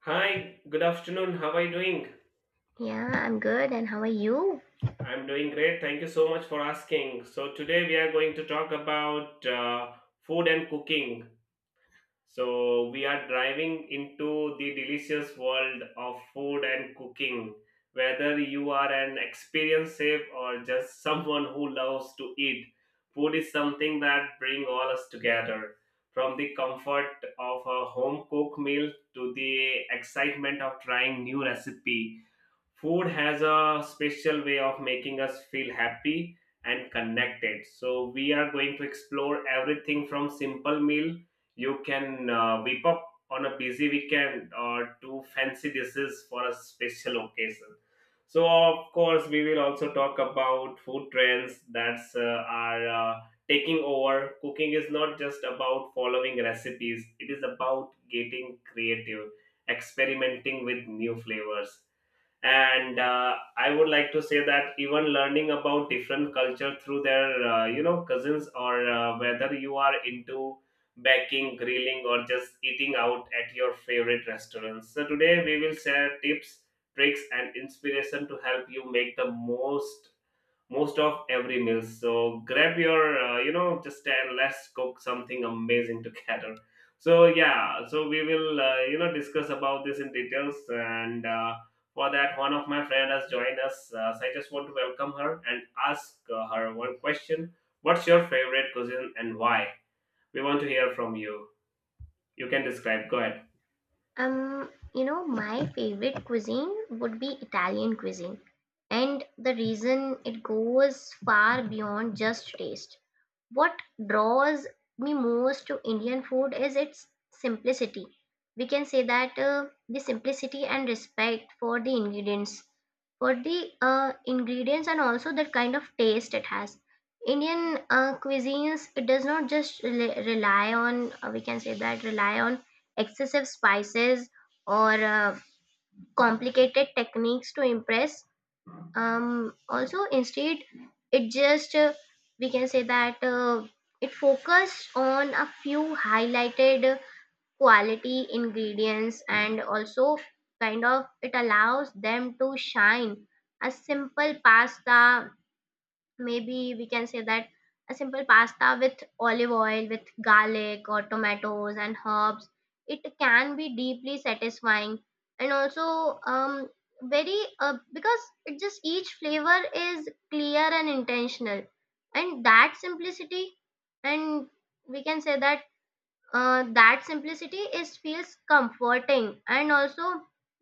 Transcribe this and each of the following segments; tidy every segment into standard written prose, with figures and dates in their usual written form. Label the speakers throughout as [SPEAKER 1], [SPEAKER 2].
[SPEAKER 1] Hi, good afternoon. How are you doing?
[SPEAKER 2] Yeah, I'm good. And how are you?
[SPEAKER 1] I'm doing great. Thank you so much for asking. So, today we are going to talk about food and cooking. So, we are driving into the delicious world of food and cooking. Whether you are an experienced chef or just someone who loves to eat, food is something that brings all us together. From the comfort of a home cooked meal to the excitement of trying new recipe, food has a special way of making us feel happy and connected. So we are going to explore everything from simple meal you can whip up on a busy weekend or to fancy dishes for a special occasion. So of course we will also talk about food trends that's are taking over. Cooking is not just about following recipes, it is about getting creative, experimenting with new flavors, and I would like to say that even learning about different culture through their uh, cousins or whether you are into baking, grilling, or just eating out at your favorite restaurants. So today we will share tips, tricks, and inspiration to help you make the most of every meal. So grab your, just and let's cook something amazing together. So yeah, so we will, discuss about this in details. And for that, one of my friend has joined us. So I just want to welcome her and ask her one question: what's your favorite cuisine and why? We want to hear from you. You can describe. Go ahead.
[SPEAKER 2] My favorite cuisine would be Italian cuisine. And the reason it goes far beyond just taste. What draws me most to Indian food is its simplicity. We can say that, the simplicity and respect for the ingredients, and also the kind of taste it has. Indian cuisines, it does not just we can say that, rely on excessive spices, or complicated techniques to impress. Also, instead, it just we can say that, it focused on a few highlighted quality ingredients, and also, kind of, it allows them to shine. A simple pasta Maybe we can say that a simple pasta with olive oil, with garlic or tomatoes and herbs, it can be deeply satisfying, and also, very because it just each flavor is clear and intentional. And that simplicity, and we can say that, that simplicity is feels comforting, and also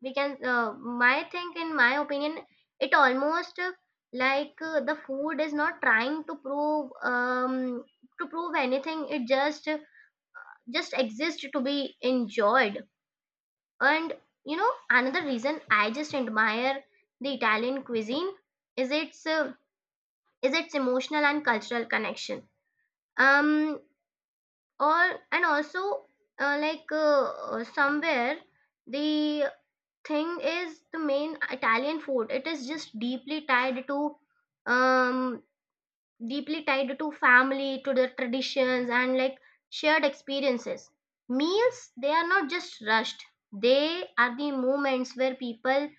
[SPEAKER 2] we can my think in my opinion, it almost, like, the food is not trying to prove anything, it just exists to be enjoyed. And another reason I just admire the Italian cuisine is its emotional and cultural connection. um or, and also, like, somewhere, the thing is, the main Italian food, it is just deeply um tied to family, to their traditions, and like shared experiences. Meals, they are not just rushed, they are the moments where people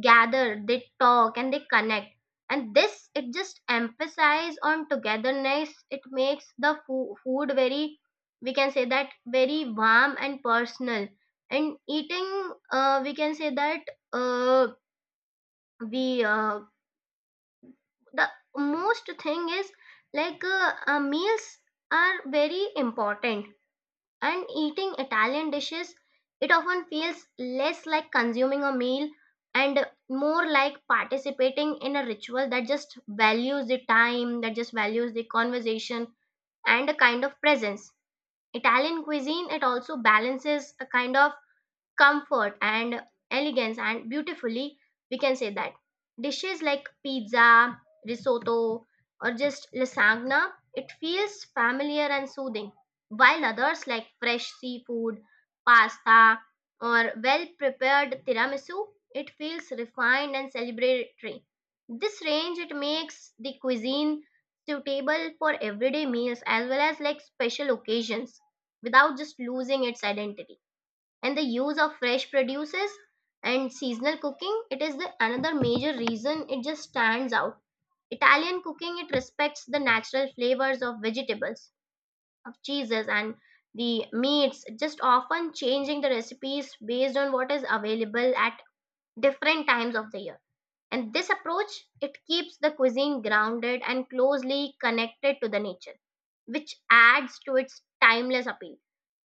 [SPEAKER 2] gather, they talk, and they connect. And this, it just emphasizes on togetherness. It makes the food very, we can say that, very warm and personal. And eating, we can say that, uh, we the most thing is, meals are very important, and eating Italian dishes, it often feels less like consuming a meal, and more like participating in a ritual that just values the time, that just values the conversation, and a kind of presence. Italian cuisine, it also balances a kind of comfort and elegance and beautifully, we can say that, dishes like pizza, risotto, or just lasagna, it feels familiar and soothing, while others like fresh seafood, pasta, or well prepared tiramisu, it feels refined and celebratory. This range, it makes the cuisine suitable for everyday meals as well as like special occasions, without just losing its identity. And the use of fresh produces and seasonal cooking, it is the another major reason it just stands out. Italian cooking, it respects the natural flavors of vegetables, of cheeses, and the meats, just often changing the recipes based on what is available at different times of the year. And this approach, it keeps the cuisine grounded and closely connected to the nature, which adds to its timeless appeal.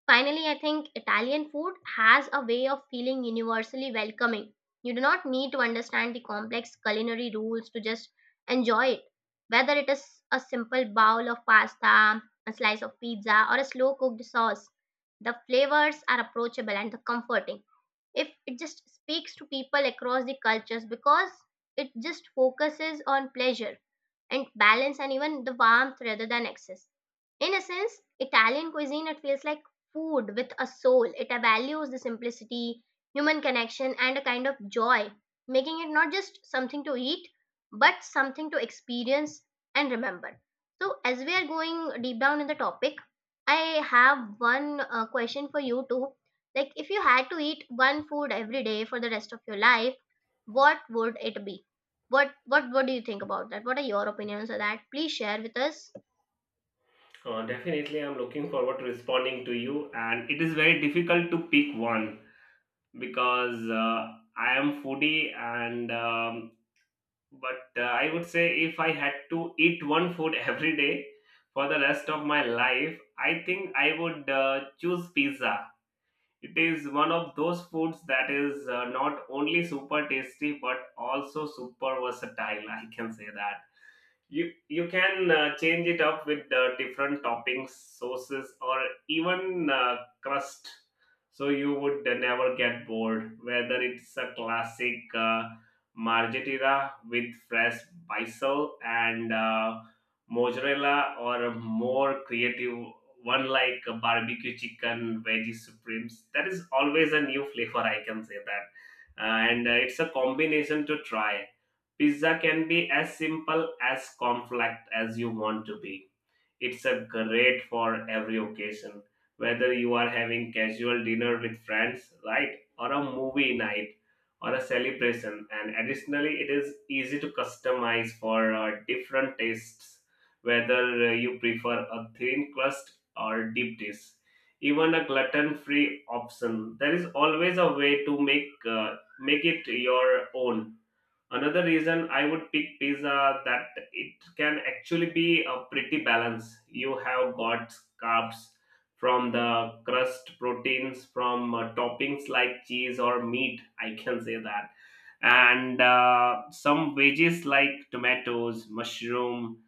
[SPEAKER 2] Finally, I think Italian food has a way of feeling universally welcoming. You do not need to understand the complex culinary rules to just enjoy it. Whether it is a simple bowl of pasta, a slice of pizza, or a slow cooked sauce, the flavors are approachable and the comforting, if it just speaks to people across the cultures, because it just focuses on pleasure and balance and even the warmth rather than excess. In a sense, Italian cuisine, it feels like food with a soul. It values the simplicity, human connection, and a kind of joy, making it not just something to eat, but something to experience and remember. So, as we are going deep down in the topic, I have one question for you too, like, if you had to eat one food every day for the rest of your life, what would it be? What do you think about that? What are your opinions on that? Please share with us.
[SPEAKER 1] Definitely, I'm looking forward to responding to you, and it is very difficult to pick one because I am foodie and but I would say if I had to eat one food every day for the rest of my life, I think I would choose pizza. It is one of those foods that is not only super tasty but also super versatile. I can say that you can change it up with different toppings, sauces, or even crust, so you would never get bored. Whether it's a classic margherita with fresh basil and mozzarella, or a more creative one like a barbecue chicken veggie supremes, that is always a new flavor, I can say that. And it's a combination to try. Pizza can be as simple as complex as you want to be. It's a great for every occasion, whether you are having casual dinner with friends, right, or a movie night or a celebration. And additionally, it is easy to customize for different tastes, whether you prefer a thin crust or deep dish. Even a gluten-free option, there is always a way to make it your own. Another reason I would pick pizza, that it can actually be a pretty balance. You have got carbs from the crust, proteins from toppings like cheese or meat, I can say that, and some veggies like tomatoes, mushroom,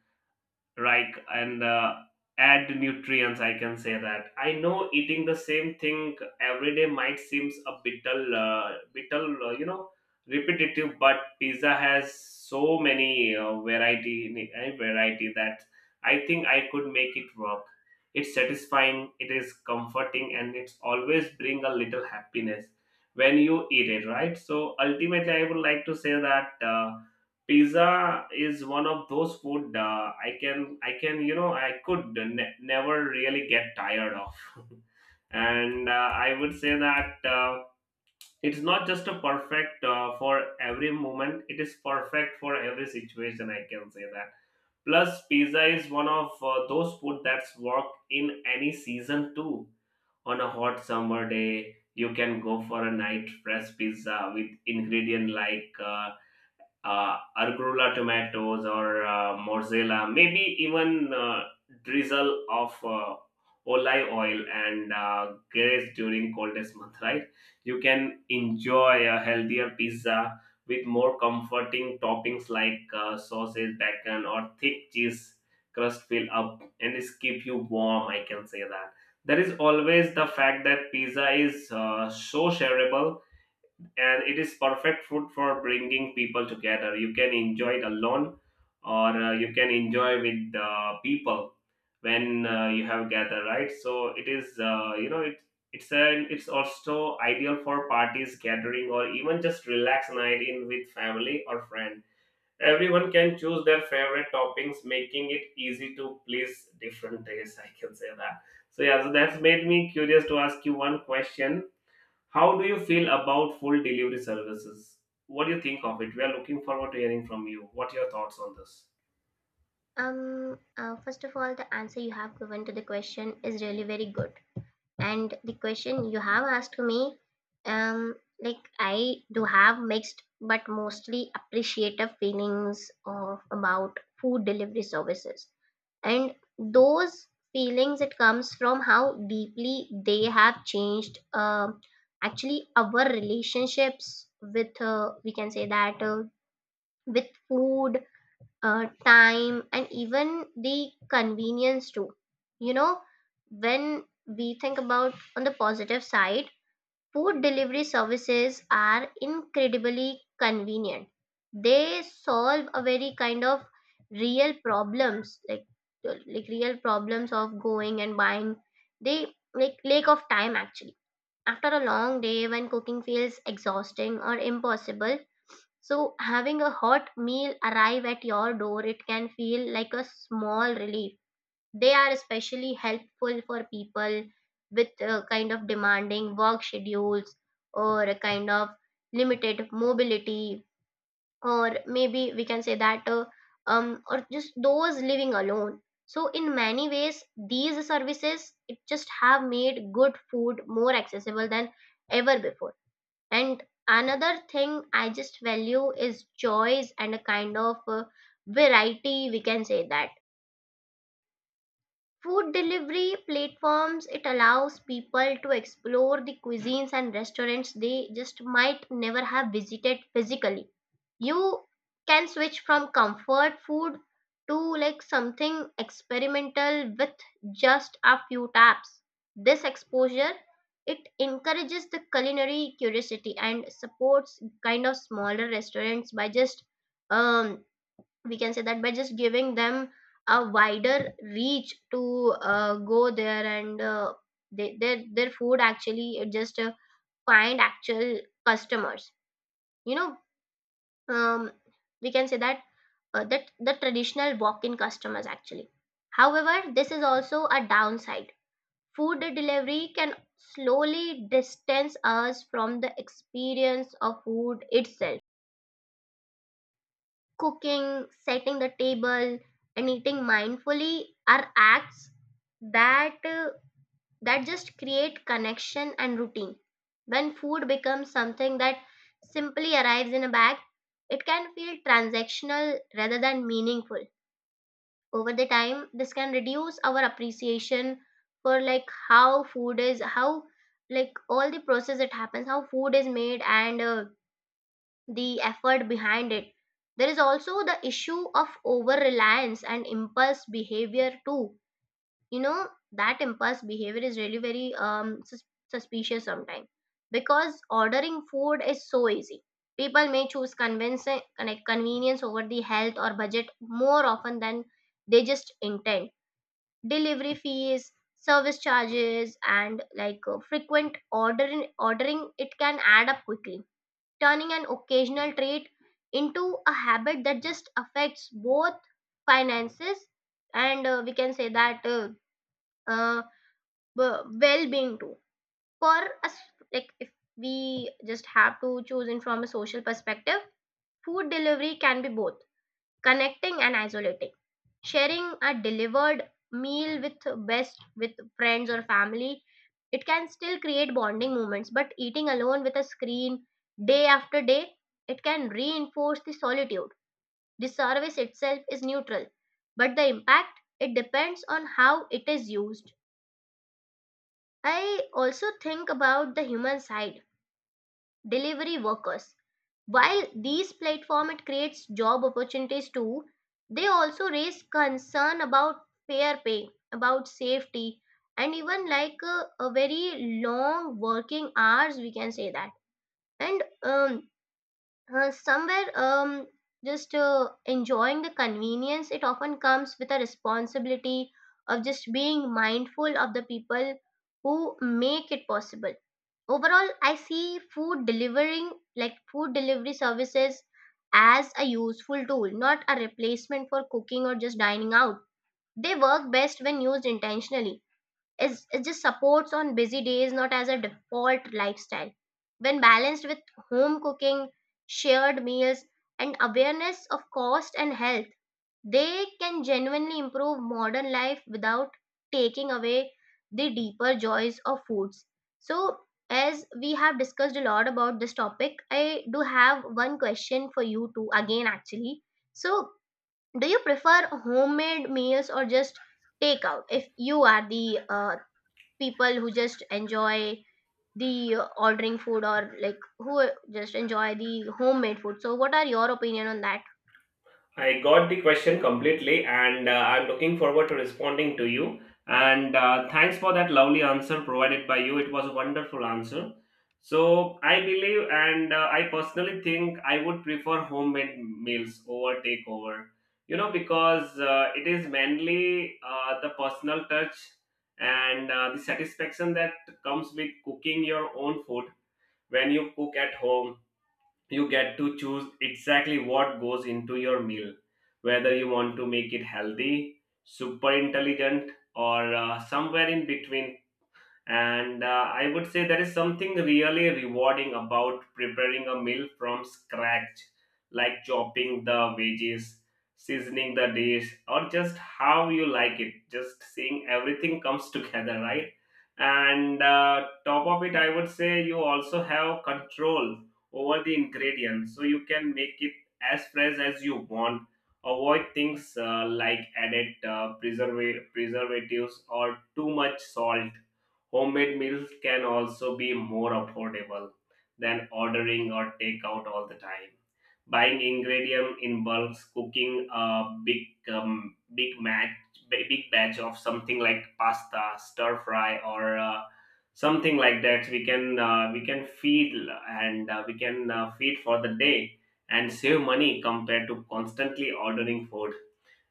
[SPEAKER 1] and add nutrients, I can say that. I know eating the same thing every day might seems a bittle bittle, repetitive, but pizza has so many uh, variety that I think I could make it work. It's satisfying, it is comforting, and it's always bring a little happiness when you eat it, right? So ultimately I would like to say that pizza is one of those food I can you know I could ne- never really get tired of. And I would say that it's not just a perfect for every moment. It is perfect for every situation. I can say that. Plus, pizza is one of those food that's work in any season too. On a hot summer day, you can go for a night fresh pizza with ingredient like arugula tomatoes, or mozzarella, maybe even drizzle of olive oil and grace during coldest month, right? You can enjoy a healthier pizza with more comforting toppings like sausage, bacon, or thick cheese crust fill up and it's keep you warm. I can say that. There is always the fact that pizza is so shareable and it is perfect food for bringing people together. You can enjoy it alone or you can enjoy with the people when you have gathered, right? So it is, uh, it it's an it's also ideal for parties, gathering, or even just relax night in with family or friend. Everyone can choose their favorite toppings, making it easy to please different tastes. I can say that. So yeah, so that's made me curious to ask you one question: how do you feel about full delivery services? What do you think of it? We are looking forward to hearing from you. What are your thoughts on this?
[SPEAKER 2] First of all, the answer you have given to the question is really very good, and the question you have asked me, um, like, I do have mixed but mostly appreciative feelings of about food delivery services, and those feelings, it comes from how deeply they have changed, actually, our relationships with, we can say that, with food, time, and even the convenience too. You know, when we think about on the positive side, food delivery services are incredibly convenient. They solve a very kind of real problems, like real problems of going and buying. They, like, lack of time, actually. After a long day, when cooking feels exhausting or impossible, so having a hot meal arrive at your door, it can feel like a small relief. They are especially helpful for people with, kind of, demanding work schedules, or a kind of limited mobility, or maybe we can say that, or just those living alone. So, in many ways, these services, it just have made good food more accessible than ever before. And another thing I just value is choice and a kind of variety, we can say that. Food delivery platforms, it allows people to explore the cuisines and restaurants they just might never have visited physically. You can switch from comfort food to, like, something experimental with just a few taps. This exposure, it encourages the culinary curiosity and supports kind of smaller restaurants by just, um we can say that, by just giving them a wider reach, to go there, and they, their food actually, just find actual customers. You know, um, we can say that, that the traditional walk-in customers actually. However, this is also a downside. Food delivery can slowly distance us from the experience of food itself. Cooking, setting the table, and eating mindfully are acts that uh, that just create connection and routine. When food becomes something that simply arrives in a bag, it can feel transactional rather than meaningful. Over the time, this can reduce our appreciation for, like, how food is, how, like, all the process that happens, how food is made, and the effort behind it. There is also the issue of over reliance and impulse behavior too. You know, that impulse behavior is really very, suspicious, sometimes, because ordering food is so easy. People may choose convenience over the health or budget, more often than they just intend. Delivery fees, service charges, and like, frequent ordering, it can add up quickly, turning an occasional treat into a habit that just affects both finances and, we can say that, uh, well-being too, for us, like, if we just have to choose, in, from a social perspective, food delivery can be both connecting and isolating. Sharing a delivered meal with, best with friends or family, it can still create bonding moments, but eating alone with a screen, day after day, it can reinforce the solitude. The service itself is neutral, but the impact, it depends on how it is used. I also think about the human side, delivery workers. While these platform, it creates job opportunities too, they also raise concern about fair pay, about safety, and even like a very long working hours, we can say that, and somewhere, just enjoying the convenience, it often comes with a responsibility of just being mindful of the people who make it possible. Overall, I see food delivering like food delivery services as a useful tool, not a replacement for cooking or just dining out. They work best when used intentionally, is it just supports on busy days, not as a default lifestyle. When balanced with home cooking, shared meals, and awareness of cost and health, they can genuinely improve modern life without taking away the deeper joys of foods. So, as we have discussed a lot about this topic, I do have one question for you too, again, actually. So, do you prefer homemade meals or just takeout? If you are the people who just enjoy the ordering food, or like, who just enjoy the homemade food. So, what are your opinion on that?
[SPEAKER 1] I got the question completely, and I'm looking forward to responding to you. And thanks for that lovely answer provided by you. It was a wonderful answer. So I believe, and I personally think I would prefer homemade meals over takeover. You know, because it is mainly the personal touch and the satisfaction that comes with cooking your own food. When you cook at home, you get to choose exactly what goes into your meal, whether you want to make it healthy, super intelligent, or somewhere in between. And I would say there is something really rewarding about preparing a meal from scratch, like chopping the veggies, seasoning the dish or just how you like it, just seeing everything comes together, right? And top of it, I would say you also have control over the ingredients, so you can make it as fresh as you want, avoid things like added preservatives or too much salt. Homemade meals can also be more affordable than ordering or takeout all the time. Buying ingredient in bulk, cooking a um, big match, big batch of something like pasta, stir fry, or something like that. We can feed and we can feed for the day and save money compared to constantly ordering food.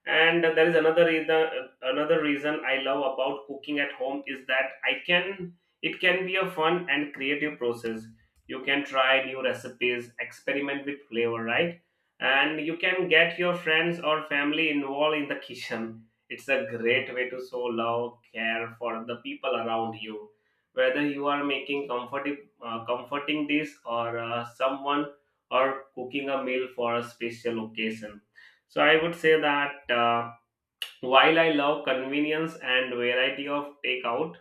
[SPEAKER 1] And there is another reason, another reason I love about cooking at home, is that I can it can be a fun and creative process. You can try new recipes, experiment with flavor, right? And you can get your friends or family involved in the kitchen. It's a great way to show love, care for the people around you. Whether you are making comforting dish or someone or cooking a meal for a special occasion. So I would say that while I love convenience and variety of takeout,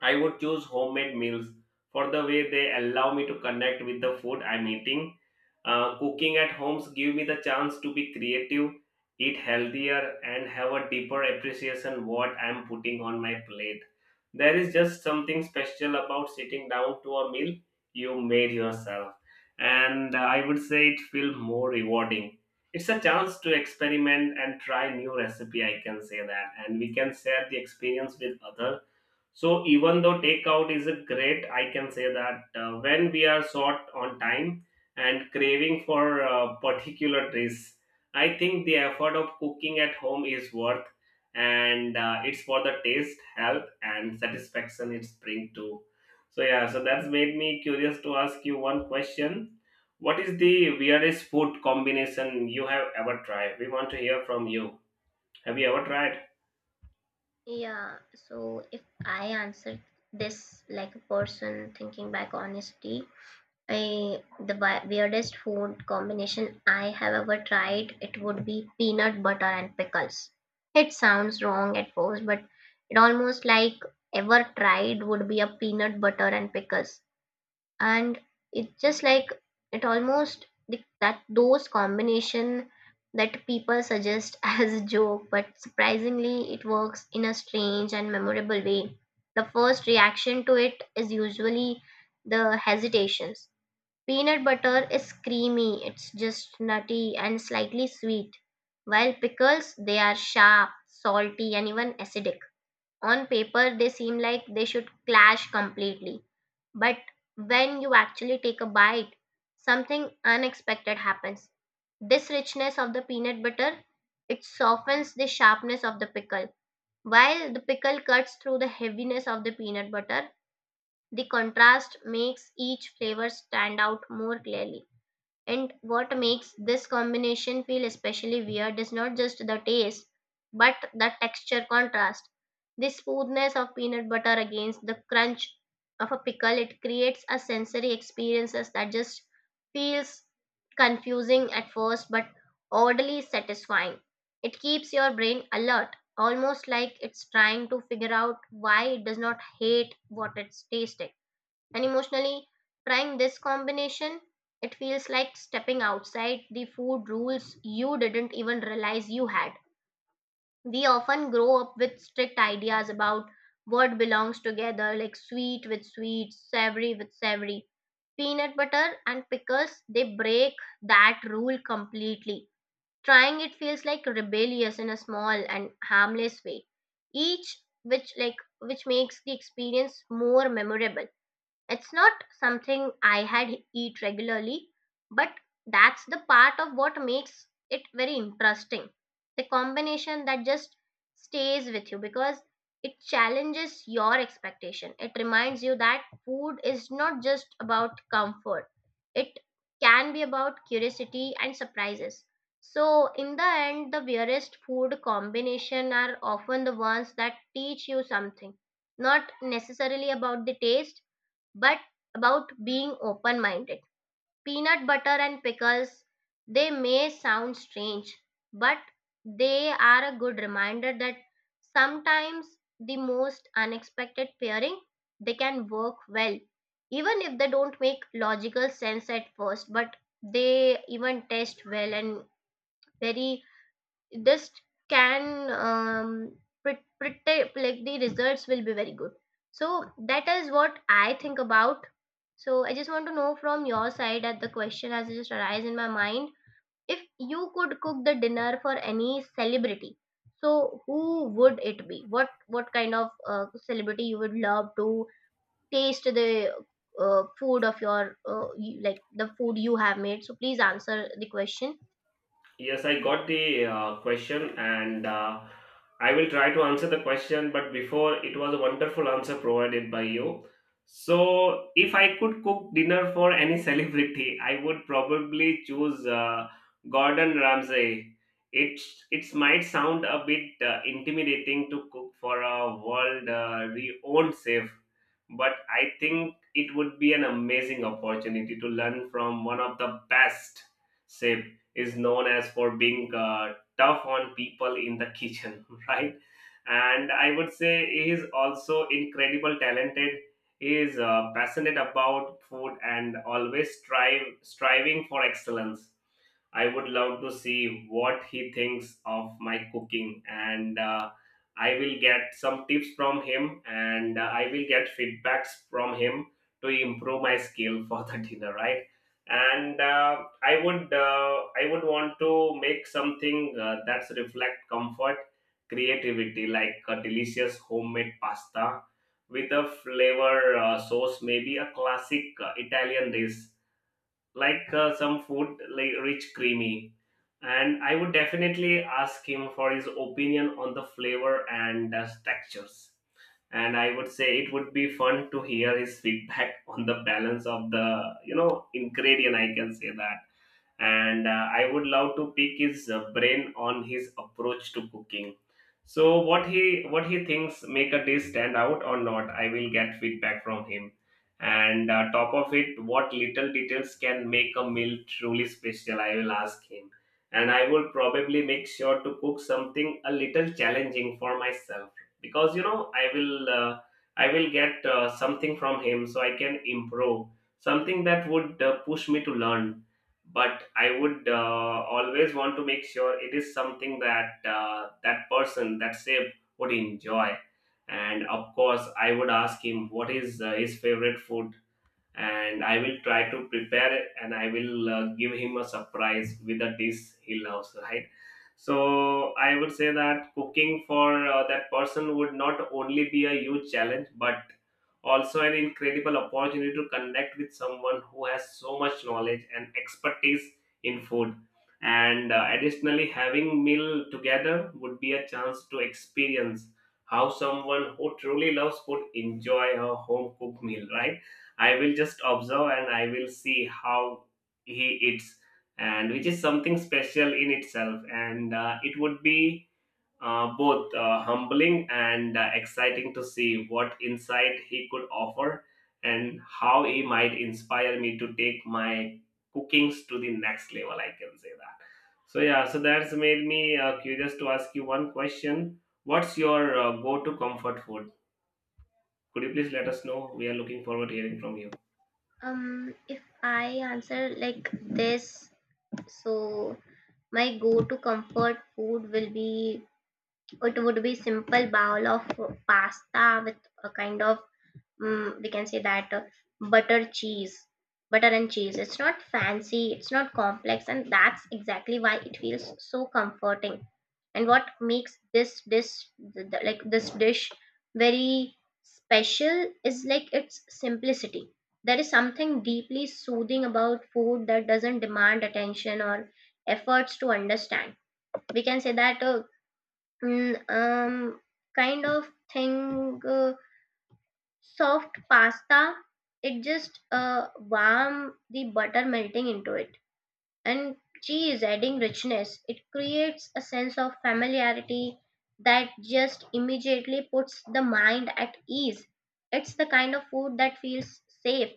[SPEAKER 1] I would choose homemade meals for the way they allow me to connect with the food I'm eating. Cooking at homes give me the chance to be creative, eat healthier, and have a deeper appreciation what I'm putting on my plate. There is just something special about sitting down to a meal you made yourself, and I would say it feels more rewarding. It's a chance to experiment and try new recipe. I can say that, and we can share the experience with others. So even though takeout is a great, I can say that when we are short on time and craving for particular dish, I think the effort of cooking at home is worth, and it's for the taste, health, and satisfaction it brings too. So yeah, so that's made me curious to ask you one question. What is the weirdest food combination you have ever tried? We want to hear from you. Have you ever tried?
[SPEAKER 2] Yeah, so if I answer this like a person thinking back honestly, I the weirdest food combination I have ever tried, it would be peanut butter and pickles. It sounds wrong at first, but it almost like, ever tried would be a peanut butter and pickles. And it's just like it almost that those combination that people suggest as a joke, but surprisingly it works in a strange and memorable way. The first reaction to it is usually the hesitations. Peanut butter is creamy, it's just nutty and slightly sweet, while pickles, they are sharp, salty, and even acidic. On paper they seem like they should clash completely, but when you actually take a bite, something unexpected happens. This richness of the peanut butter, it softens the sharpness of the pickle, while the pickle cuts through the heaviness of the peanut butter. The contrast makes each flavor stand out more clearly. And what makes this combination feel especially weird is not just the taste, but the texture contrast. The smoothness of peanut butter against the crunch of a pickle, it creates a sensory experiences that just feels confusing at first but oddly satisfying. It keeps your brain alert, almost like it's trying to figure out why it does not hate what it's tasting. And emotionally, trying this combination, it feels like stepping outside the food rules you didn't even realize you had. We often grow up with strict ideas about what belongs together, like sweet with sweet, savory with savory. Peanut butter and pickles, they break that rule completely. Trying it feels like rebellious in a small and harmless way, each which like which makes the experience more memorable. It's not something I had eat regularly, but that's the part of what makes it very interesting. The combination that just stays with you because it challenges your expectation. It reminds you that food is not just about comfort. It can be about curiosity and surprises. So in the end, the weirdest food combination are often the ones that teach you something, not necessarily about the taste but about being open minded. Peanut butter and pickles, they may sound strange, but they are a good reminder that sometimes the most unexpected pairing they can work well, even if they don't make logical sense at first, but they even taste well and very this can pretty like the results will be very good. So that is what I think about. So I just want to know from your side, that the question has just arise in my mind, if you could cook the dinner for any celebrity, so who would it be? What kind of celebrity you would love to taste the food of your like the food you have made? So please answer the question.
[SPEAKER 1] Yes, I got the question, and I will try to answer the question. But before, it was a wonderful answer provided by you. So, if I could cook dinner for any celebrity, I would probably choose Gordon Ramsay. It it might sound a bit intimidating to cook for a world renowned chef, but I think it would be an amazing opportunity to learn from one of the best. Chefs is known as for being tough on people in the kitchen, right? And I would say he is also incredible talented. He is passionate about food and always strive striving for excellence. I would love to see what he thinks of my cooking, and I will get some tips from him, and I will get feedbacks from him to improve my skill for the dinner, right? And I would want to make something that's reflect comfort, creativity, like a delicious homemade pasta with a flavor sauce, maybe a classic Italian dish like some food like rich creamy. And I would definitely ask him for his opinion on the flavor and textures. And I would say it would be fun to hear his feedback on the balance of the ingredient, I can say that. And I would love to pick his brain on his approach to cooking. So what he thinks make a dish stand out or not, I will get feedback from him. And top of it, what little details can make a meal truly special, I will ask him. And I will probably make sure to cook something a little challenging for myself because I will get something from him so I can improve, something that would push me to learn, but I would always want to make sure it is something that that person that sip would enjoy. And of course I would ask him what is his favorite food, and I will try to prepare it, and I will give him a surprise with a dish he loves, right? So I would say that cooking for that person would not only be a huge challenge, but also an incredible opportunity to connect with someone who has so much knowledge and expertise in food. And additionally, having meal together would be a chance to experience how someone who truly loves food enjoy a home cooked meal, right? I will just observe and I will see how he eats, and which is something special in itself. And it would be both humbling and exciting to see what insight he could offer and how he might inspire me to take my cookings to the next level. I can say that. So, yeah, so that's made me curious to ask you one question. What's your go to comfort food? Could you please let us know? We are looking forward to hearing from you.
[SPEAKER 2] If I answer like this, so my go-to comfort food will be, it would be simple bowl of pasta with a kind of we can say that butter cheese, butter and cheese. It's not fancy, it's not complex, and that's exactly why it feels so comforting. And what makes this dish like this dish very special is like its simplicity. There is something deeply soothing about food that doesn't demand attention or efforts to understand. We can say that mm, um kind of thing, soft pasta, it just warm, the butter melting into it, and cheese adding richness. It creates a sense of familiarity that just immediately puts the mind at ease. It's the kind of food that feels safe,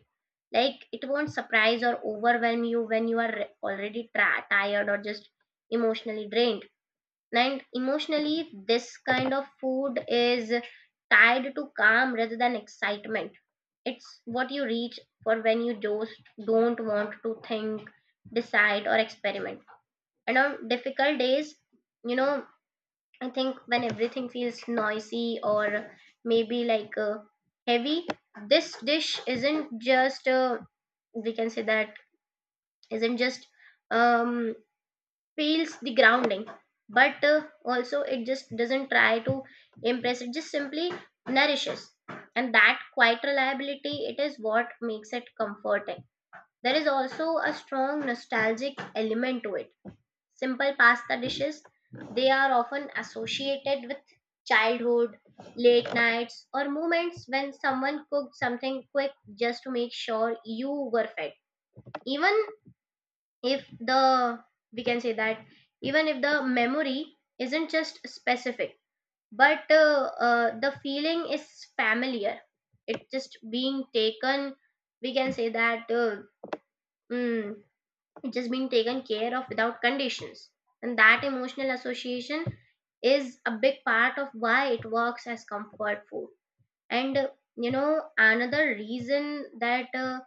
[SPEAKER 2] like it won't surprise or overwhelm you when you are already tired or just emotionally drained. And emotionally, this kind of food is tied to calm rather than excitement. It's what you reach for when you just don't want to think, decide, or experiment. And on difficult days, you know, I think when everything feels noisy or maybe like heavy, this dish isn't just we can say that isn't just um feels the grounding, but also it just doesn't try to impress, it just simply nourishes. And that quiet reliability, it is what makes it comforting. There is also a strong nostalgic element to it. Simple pasta dishes, they are often associated with childhood, late nights, or moments when someone cooked something quick just to make sure you were fed. Even if the, we can say that, even if the memory isn't just specific, but the feeling is familiar. It just being taken, we can say that mm, it just being taken care of without conditions. And that emotional association is a big part of why it works as comfort food. And you know, another reason that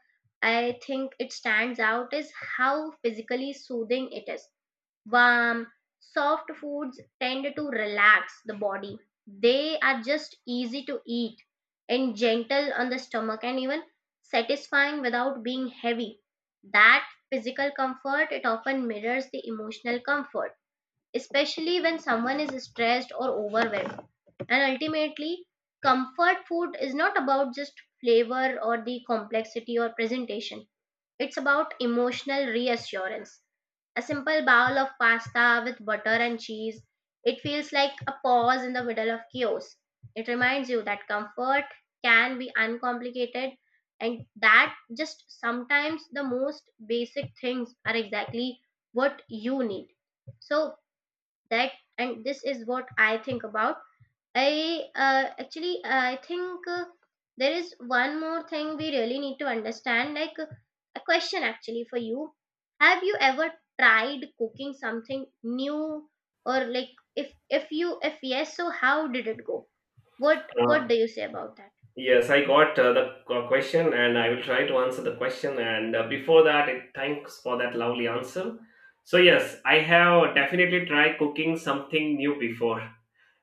[SPEAKER 2] I think it stands out is how physically soothing it is. Warm, soft foods tend to relax the body. They are just easy to eat and gentle on the stomach and even satisfying without being heavy. That physical comfort, it often mirrors the emotional comfort, especially when someone is stressed or overwhelmed. And ultimately, comfort food is not about just flavor or the complexity or presentation. It's about emotional reassurance. A simple bowl of pasta with butter and cheese, it feels like a pause in the middle of chaos. It reminds you that comfort can be uncomplicated and that just sometimes the most basic things are exactly what you need. So, that, and this is what I think about. I actually I think there is one more thing we really need to understand. Like, a question actually for you, have you ever tried cooking something new, or like if you if yes, so how did it go? What do you say about that?
[SPEAKER 1] Yes, I got the question and I will try to answer the question. And before that, it, thanks for that lovely answer. So, yes, I have definitely tried cooking something new before.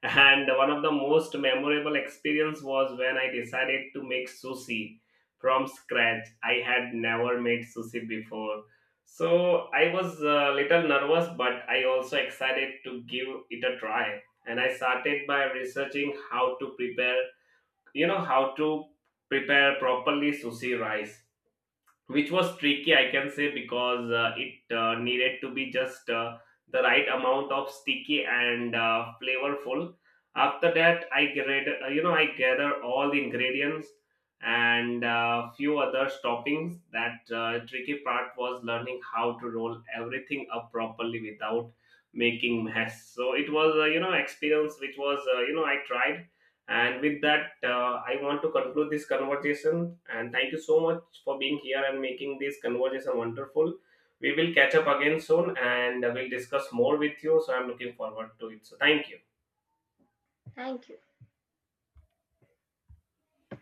[SPEAKER 1] And one of the most memorable experience was when I decided to make sushi from scratch. I had never made sushi before. So, I was a little nervous, but I also excited to give it a try. And I started by researching how to prepare, how to prepare properly sushi rice, which was tricky, I can say, because it needed to be just the right amount of sticky and flavorful. After that i I gather all the ingredients and few other toppings. That Tricky part was learning how to roll everything up properly without making mess. So it was experience, which was I tried. And with that, I want to conclude this conversation. And thank you so much for being here and making this conversation wonderful. We will catch up again soon and we'll discuss more with you. So I'm looking forward to it. So thank you.
[SPEAKER 2] Thank you.